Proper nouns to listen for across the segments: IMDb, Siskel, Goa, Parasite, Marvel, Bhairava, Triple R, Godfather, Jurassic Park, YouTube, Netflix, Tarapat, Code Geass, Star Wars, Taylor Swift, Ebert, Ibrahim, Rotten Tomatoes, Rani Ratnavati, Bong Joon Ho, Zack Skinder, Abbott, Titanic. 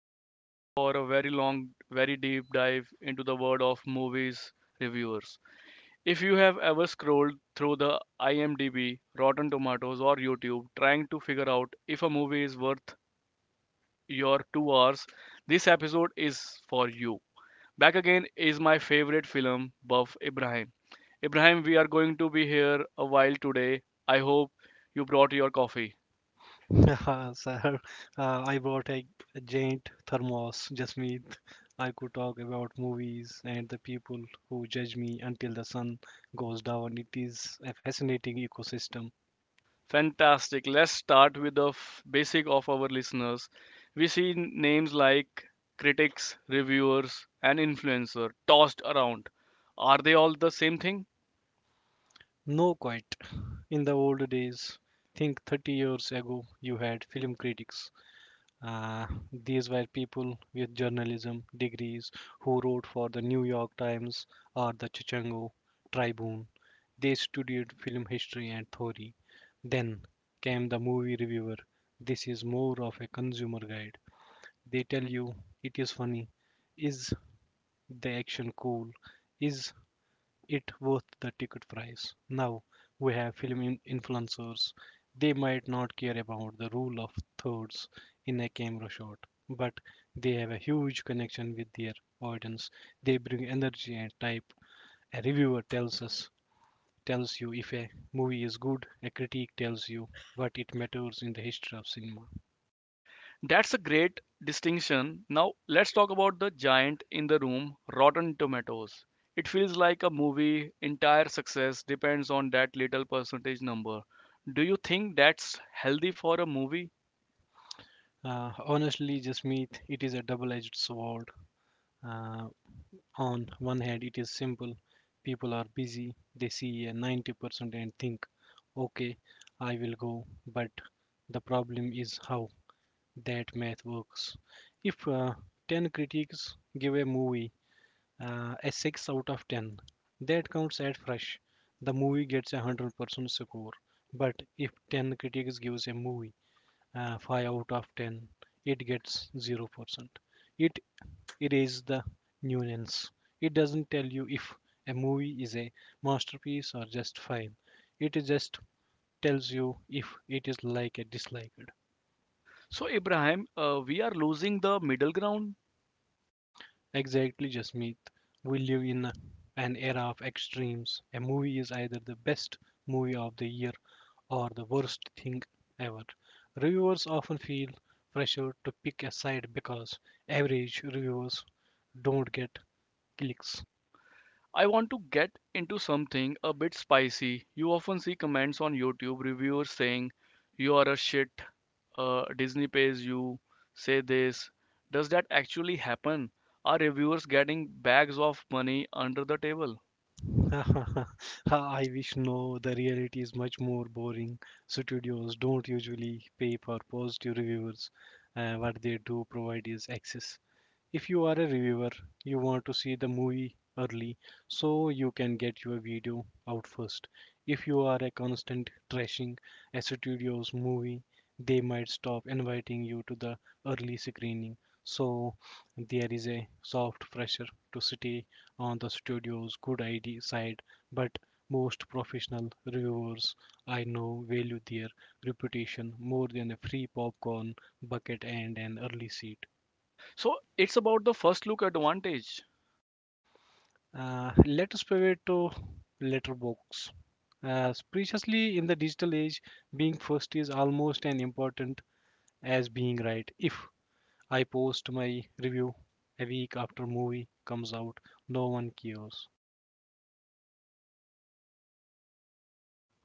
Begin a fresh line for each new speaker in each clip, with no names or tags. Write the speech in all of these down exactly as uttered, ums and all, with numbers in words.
settling in for a very long, very deep dive into the world of movies reviewers. If you have ever scrolled through the IMDb, Rotten Tomatoes, or YouTube trying to figure out if a movie is worth your two hours, this episode is for you. Back again is my favorite film buff, Ibrahim. Ibrahim, we are going to be here a while today. I hope you brought your coffee.
Sir, uh, I brought a, a giant thermos, just me. I could talk about movies and the people who judge me until the sun goes down. It is a fascinating ecosystem.
Fantastic. Let's start with the f- basic of our listeners. We see names like critics, reviewers, and influencer tossed around. Are they all the same thing?
No, quite. In the old days, think thirty years ago, you had film critics. Uh, these were people with journalism degrees who wrote for the New York Times or the Chicago Tribune. They studied film history and theory. Then came the movie reviewer. This is more of a consumer guide. They tell you it is funny. Is the action cool? Is it worth the ticket price? Now we have film influencers. They might not care about the rule of thirds in a camera shot, but they have a huge connection with their audience. They bring energy and type. A reviewer tells us Tells you if a movie is good. A critic tells you what it matters in the history of cinema.
That's a great distinction. Now, let's talk about the giant in the room, Rotten Tomatoes. It feels like a movie entire success depends on that little percentage number. Do you think that's healthy for a movie?
Uh, honestly, Jasmeet, it is a double-edged sword. Uh, On one hand, it is simple. People are busy. They see a ninety percent and think, okay, I will go. But the problem is how that math works. If uh, ten critics give a movie uh, a six out of ten, that counts as fresh. The movie gets a one hundred percent score. But if ten critics gives a movie uh, five out of ten, it gets zero percent. It erase the nuance. It doesn't tell you if a movie is a masterpiece or just fine. It just tells you if it is like a disliked.
So, Ibrahim, uh, we are losing the middle ground.
Exactly, Jasmeet. We live in a- an era of extremes. A movie is either the best movie of the year or the worst thing ever. Reviewers often feel pressure to pick a side because average reviewers don't get clicks.
I want to get into something a bit spicy. You often see comments on YouTube reviewers saying you are a shit, uh, Disney pays you, say this. Does that actually happen? Are reviewers getting bags of money under the table?
I wish. No, the reality is much more boring. Studios don't usually pay for positive reviews. Uh, what they do provide is access. If you are a reviewer, you want to see the movie early so you can get your video out first. If you are a constant trashing a studio's movie, they might stop inviting you to the early screening. So there is a soft pressure to stay on the studio's good I D side, but most professional reviewers I know value their reputation more than a free popcorn bucket and an early seat.
So it's about the first look advantage.
Uh, let us pivot to letterbox. As preciously in the digital age, being first is almost as important as being right. If I post my review a week after movie comes out, no one cares.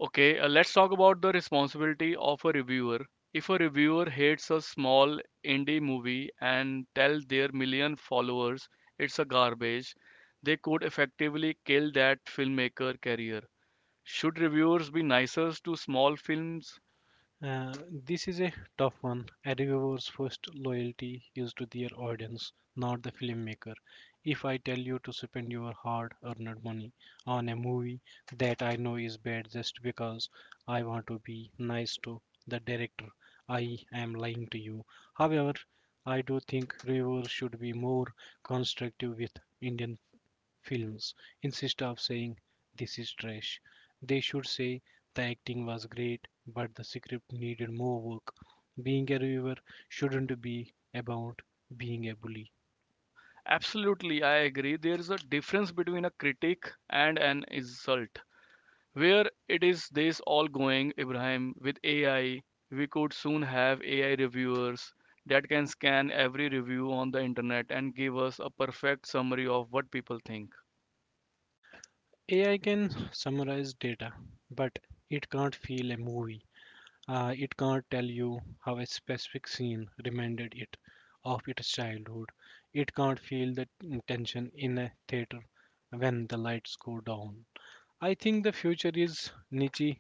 Okay, uh, let's talk about the responsibility of a reviewer. If a reviewer hates a small indie movie and tell their million followers it's a garbage, they could effectively kill that filmmaker career. Should reviewers be nicer to small films?
Uh, this is a tough one. A Reviewers first loyalty is to their audience, not the filmmaker. If I tell you to spend your hard-earned money on a movie that I know is bad just because I want to be nice to the director, I am lying to you. However, I do think reviewers should be more constructive with Indian films. Instead of saying, "This is trash," they should say, "The acting was great, but the script needed more work." Being a reviewer shouldn't be about being a bully.
Absolutely, I agree. There is a difference between a critic and an insult. Where it is this all going, Ibrahim? With A I, we could soon have A I reviewers that can scan every review on the internet and give us a perfect summary of what people think.
A I can summarize data, but it can't feel a movie. Uh, it can't tell you how a specific scene reminded it of its childhood. It can't feel the tension in a theater when the lights go down. I think the future is niche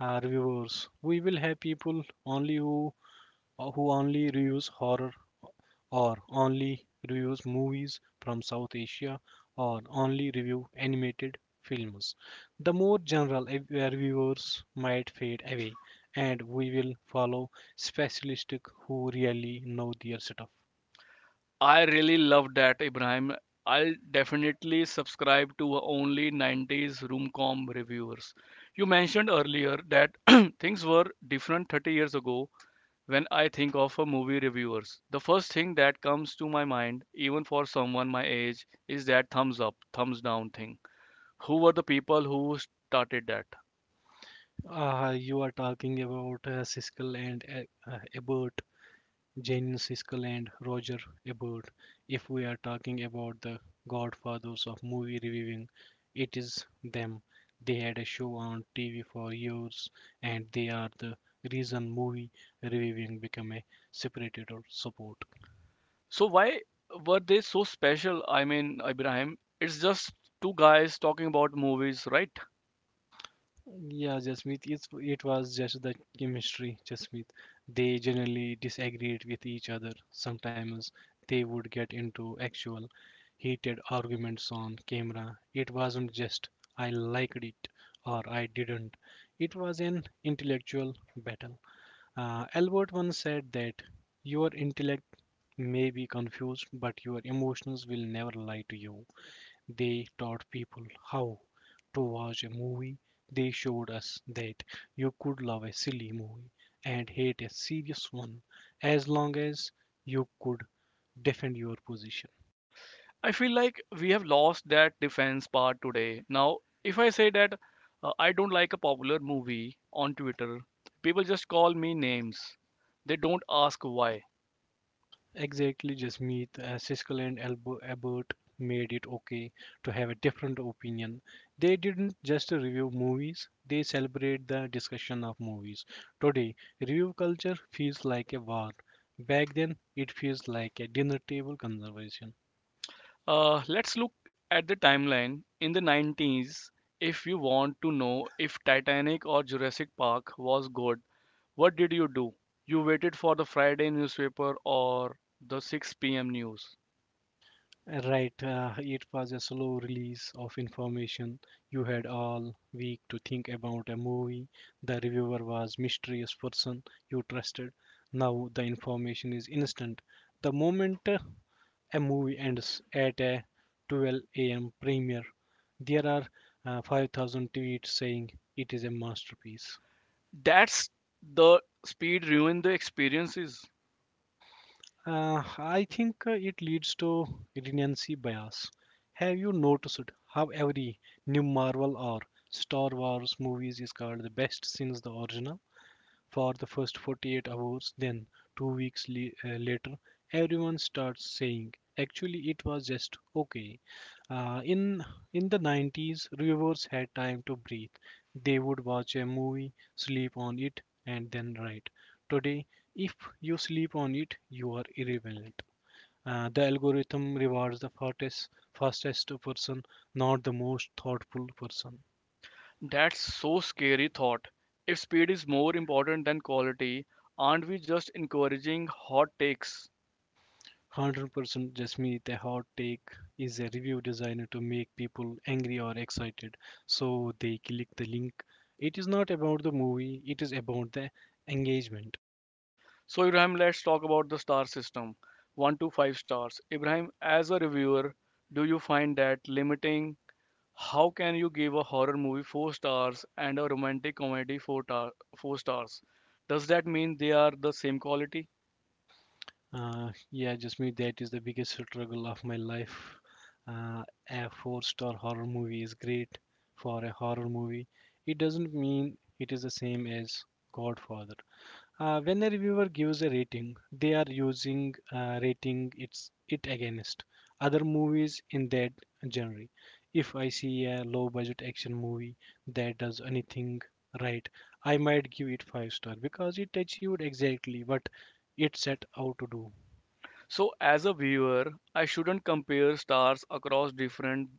our viewers. We will have people only who who only reviews horror, or only reviews movies from South Asia, or only review animated films. The more general reviewers might fade away, and we will follow specialists who really know their stuff.
I really love that, Ibrahim. I'll definitely subscribe to only nineties roomcom reviewers. You mentioned earlier that things were different thirty years ago. When I think of a movie reviewers, the first thing that comes to my mind, even for someone my age, is that thumbs up, thumbs down thing. Who were the people who started that?
Ah, you are talking about uh, Siskel and uh, uh, Ebert. Jane Siskel and Roger Ebert. If we are talking about the godfathers of movie reviewing, it is them. They had a show on T V for years, and they are the reason movie reviewing became a spirited support.
So why were they so special? I mean, Ibrahim, it's just two guys talking about movies, right?
Yeah, Jasmeet, it's, it was just the chemistry, Jasmeet. They generally disagreed with each other. Sometimes they would get into actual heated arguments on camera. It wasn't just "I liked it" or "I didn't." It was an intellectual battle. Uh, Albert once said that your intellect may be confused, but your emotions will never lie to you. They taught people how to watch a movie. They showed us that you could love a silly movie and hate a serious one as long as you could defend your position.
I feel like we have lost that defense part today. Now, if I say that uh, I don't like a popular movie on Twitter, people just call me names. They don't ask why.
Exactly, Jasmeet, uh, Siskel and Elb Abbott made it okay to have a different opinion. They didn't just review movies, they celebrate the discussion of movies. Today, review culture feels like a war. Back then, it feels like a dinner table conversation.
Uh, let's look at the timeline. In the nineties, if you want to know if Titanic or Jurassic Park was good, what did you do? You waited for the Friday newspaper or the six p m news.
Right, uh, it was a slow release of information. You had all week to think about a movie. The reviewer was mysterious person you trusted. Now the information is instant. The moment uh, a movie ends at a twelve a m premiere, there are uh, five thousand tweets saying it is a masterpiece.
That's the speed ruined the experiences.
Uh, I think uh, it leads to recency bias. Have you noticed how every new Marvel or Star Wars movies is called the best since the original for the first forty-eight hours? Then, two weeks le- uh, later, everyone starts saying, actually, it was just okay. Uh, in, in the nineties, viewers had time to breathe. They would watch a movie, sleep on it, and then write. Today, if you sleep on it, you are irrelevant. Uh, the algorithm rewards the fastest, fastest person, not the most thoughtful person.
That's so scary thought. If speed is more important than quality, aren't we just encouraging hot takes?
one hundred percent, Jasmeet, a hot take is a review designed to make people angry or excited, so they click the link. It is not about the movie, it is about the engagement.
So, Ibrahim, let's talk about the star system, one to five stars. Ibrahim, as a reviewer, do you find that limiting? How can you give a horror movie four stars and a romantic comedy four, tar- four stars? Does that mean they are the same quality?
Uh, yeah, Jasmeet, that is the biggest struggle of my life. Uh, a four star horror movie is great for a horror movie. It doesn't mean it is the same as Godfather. Uh, when a reviewer gives a rating, they are using uh, rating it's it against other movies in that genre. If I see a low budget action movie that does anything right, I might give it five star because it achieved exactly what it set out to do.
So, as a viewer, I shouldn't compare stars across different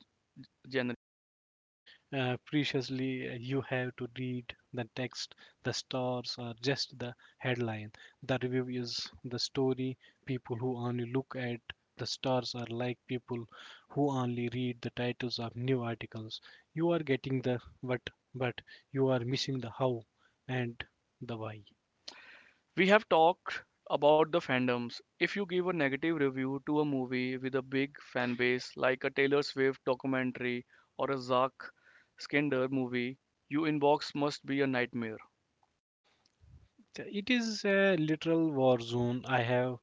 genres.
uh, Preciously, uh, you have to read the text. The stars are just the headline. The review is the story. People who only look at the stars are like people who only read the titles of new articles. You are getting the what, but you are missing the how and the why.
We have talked about the fandoms. If you give a negative review to a movie with a big fan base, like a Taylor Swift documentary or a Zack Skinder movie, your inbox must be a nightmare.
It is a literal war zone. I have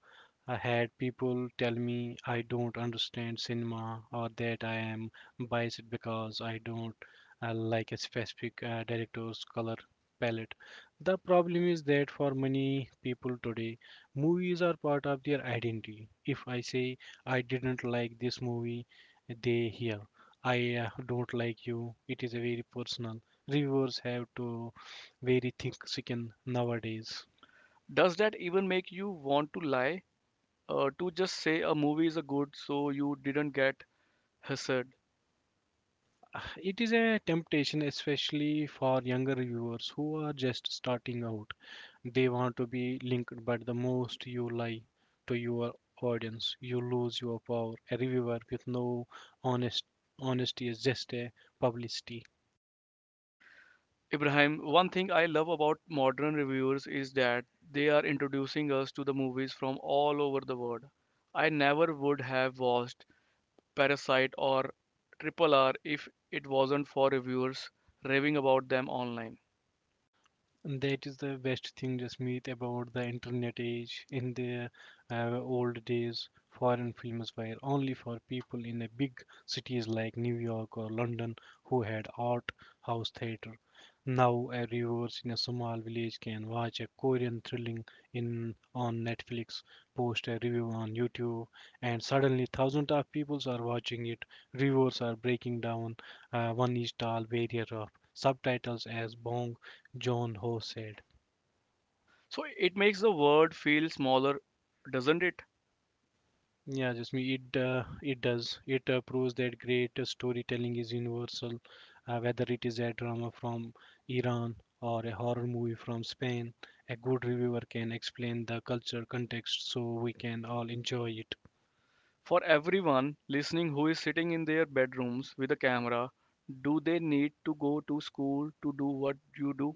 I had people tell me I don't understand cinema, or that I am biased because I don't uh, like a specific uh, director's color palette. The problem is that for many people today, movies are part of their identity. If I say I didn't like this movie, they hear I uh, don't like you. It is a very personal. Reviewers have to very thick skin nowadays.
Does that even make you want to lie? Uh, to just say a movie is a good so you didn't get hassled?
Uh, It is a temptation, especially for younger viewers who are just starting out. They want to be linked, but the most you lie to your audience, you lose your power. A reviewer with no honest honesty is just a publicity.
Ibrahim, one thing I love about modern reviewers is that they are introducing us to the movies from all over the world. I never would have watched Parasite or Triple R if it wasn't for reviewers raving about them online.
That is the best thing, Jasmeet, about the internet age. In the uh, old days, foreign films were only for people in a big cities like New York or London who had art house theater. Now, a viewer in a small village can watch a Korean thrilling in on Netflix, post a review on YouTube, and suddenly thousands of people are watching it. Reviewers are breaking down uh, one inch tall barrier of subtitles, as bong John Ho said.
So it makes the world feel smaller, doesn't it?
Yeah, just me. It uh, it does. It uh, proves that great storytelling is universal, uh, whether it is a drama from Iran or a horror movie from Spain. A good reviewer can explain the cultural context so we can all enjoy it.
For everyone listening who is sitting in their bedrooms with a camera, do they need to go to school to do what you do?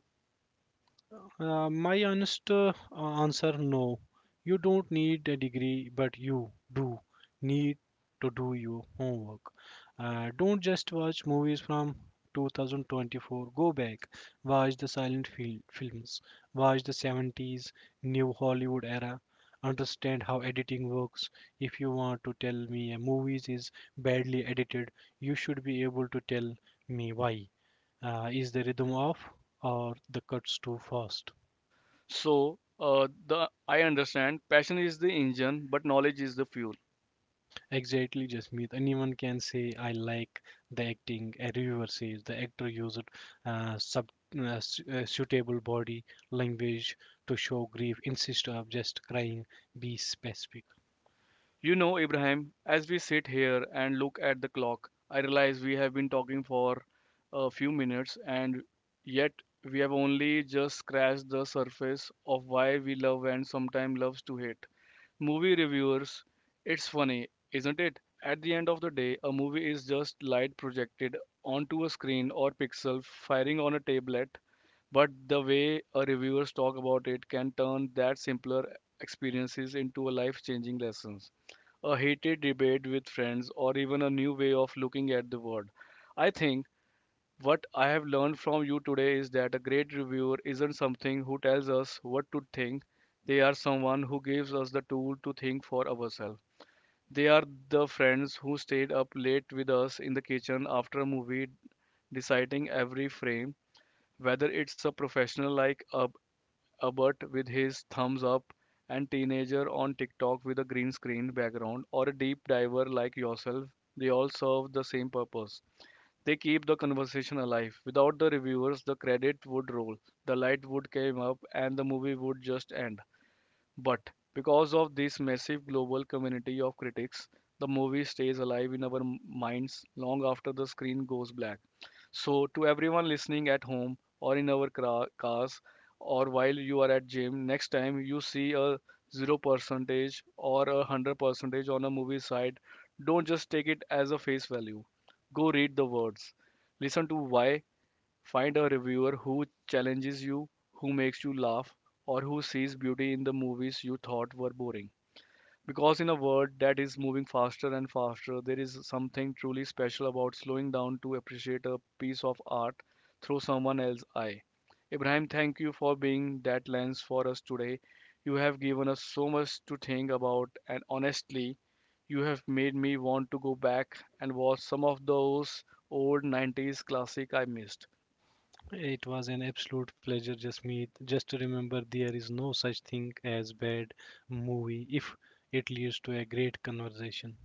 Uh, my honest uh, answer no. You don't need a degree, but you do need to do your homework. Uh, don't just watch movies from two thousand twenty-four. Go back, watch the silent fil- films, watch the seventies, new Hollywood era. Understand how editing works. If you want to tell me a movie is badly edited, you should be able to tell me why. Uh, is the rhythm off or the cuts too fast?
So uh, the I understand passion is the engine, but knowledge is the fuel.
Exactly, Jasmeet. Anyone can say, I like the acting. A reviewer says the actor used uh, sub, uh, su- uh, suitable body language to show grief instead of just crying. Be specific.
You know, Ibrahim, as we sit here and look at the clock, I realize we have been talking for a few minutes, and yet we have only just scratched the surface of why we love and sometimes loves to hate. Movie reviewers, it's funny, isn't it? At the end of the day, a movie is just light projected onto a screen or pixel firing on a tablet, but the way a reviewers talk about it can turn that simpler experiences into a life-changing lessons, a heated debate with friends, or even a new way of looking at the world. I think what I have learned from you today is that a great reviewer isn't something who tells us what to think, they are someone who gives us the tool to think for ourselves. They are the friends who stayed up late with us in the kitchen after a movie deciding every frame, whether it's a professional like Ab- Abbott with his thumbs up and teenager on TikTok with a green screen background or a deep diver like yourself, they all serve the same purpose. They keep the conversation alive. Without the reviewers, the credit would roll, the light would come up, and the movie would just end. But because of this massive global community of critics, the movie stays alive in our m- minds long after the screen goes black. So, to everyone listening at home or in our cra- cars or while you are at gym, next time you see a zero percentage or a one hundred percentage on a movie site, don't just take it as a face value. Go read the words. Listen to why. Find a reviewer who challenges you, who makes you laugh, or who sees beauty in the movies you thought were boring. Because in a world that is moving faster and faster, there is something truly special about slowing down to appreciate a piece of art through someone else's eye. Ibrahim, thank you for being that lens for us today. You have given us so much to think about, and honestly, you have made me want to go back and watch some of those old nineties classic I missed.
It was an absolute pleasure, Jasmeet. Just remember, there is no such thing as bad movie if it leads to a great conversation.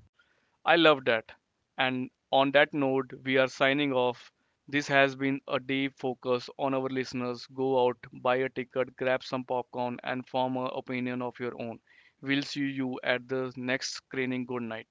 I love that. And on that note, we are signing off. This has been a deep focus on our listeners. Go out, buy a ticket, grab some popcorn, and form an opinion of your own. We'll see you at the next screening. Good night.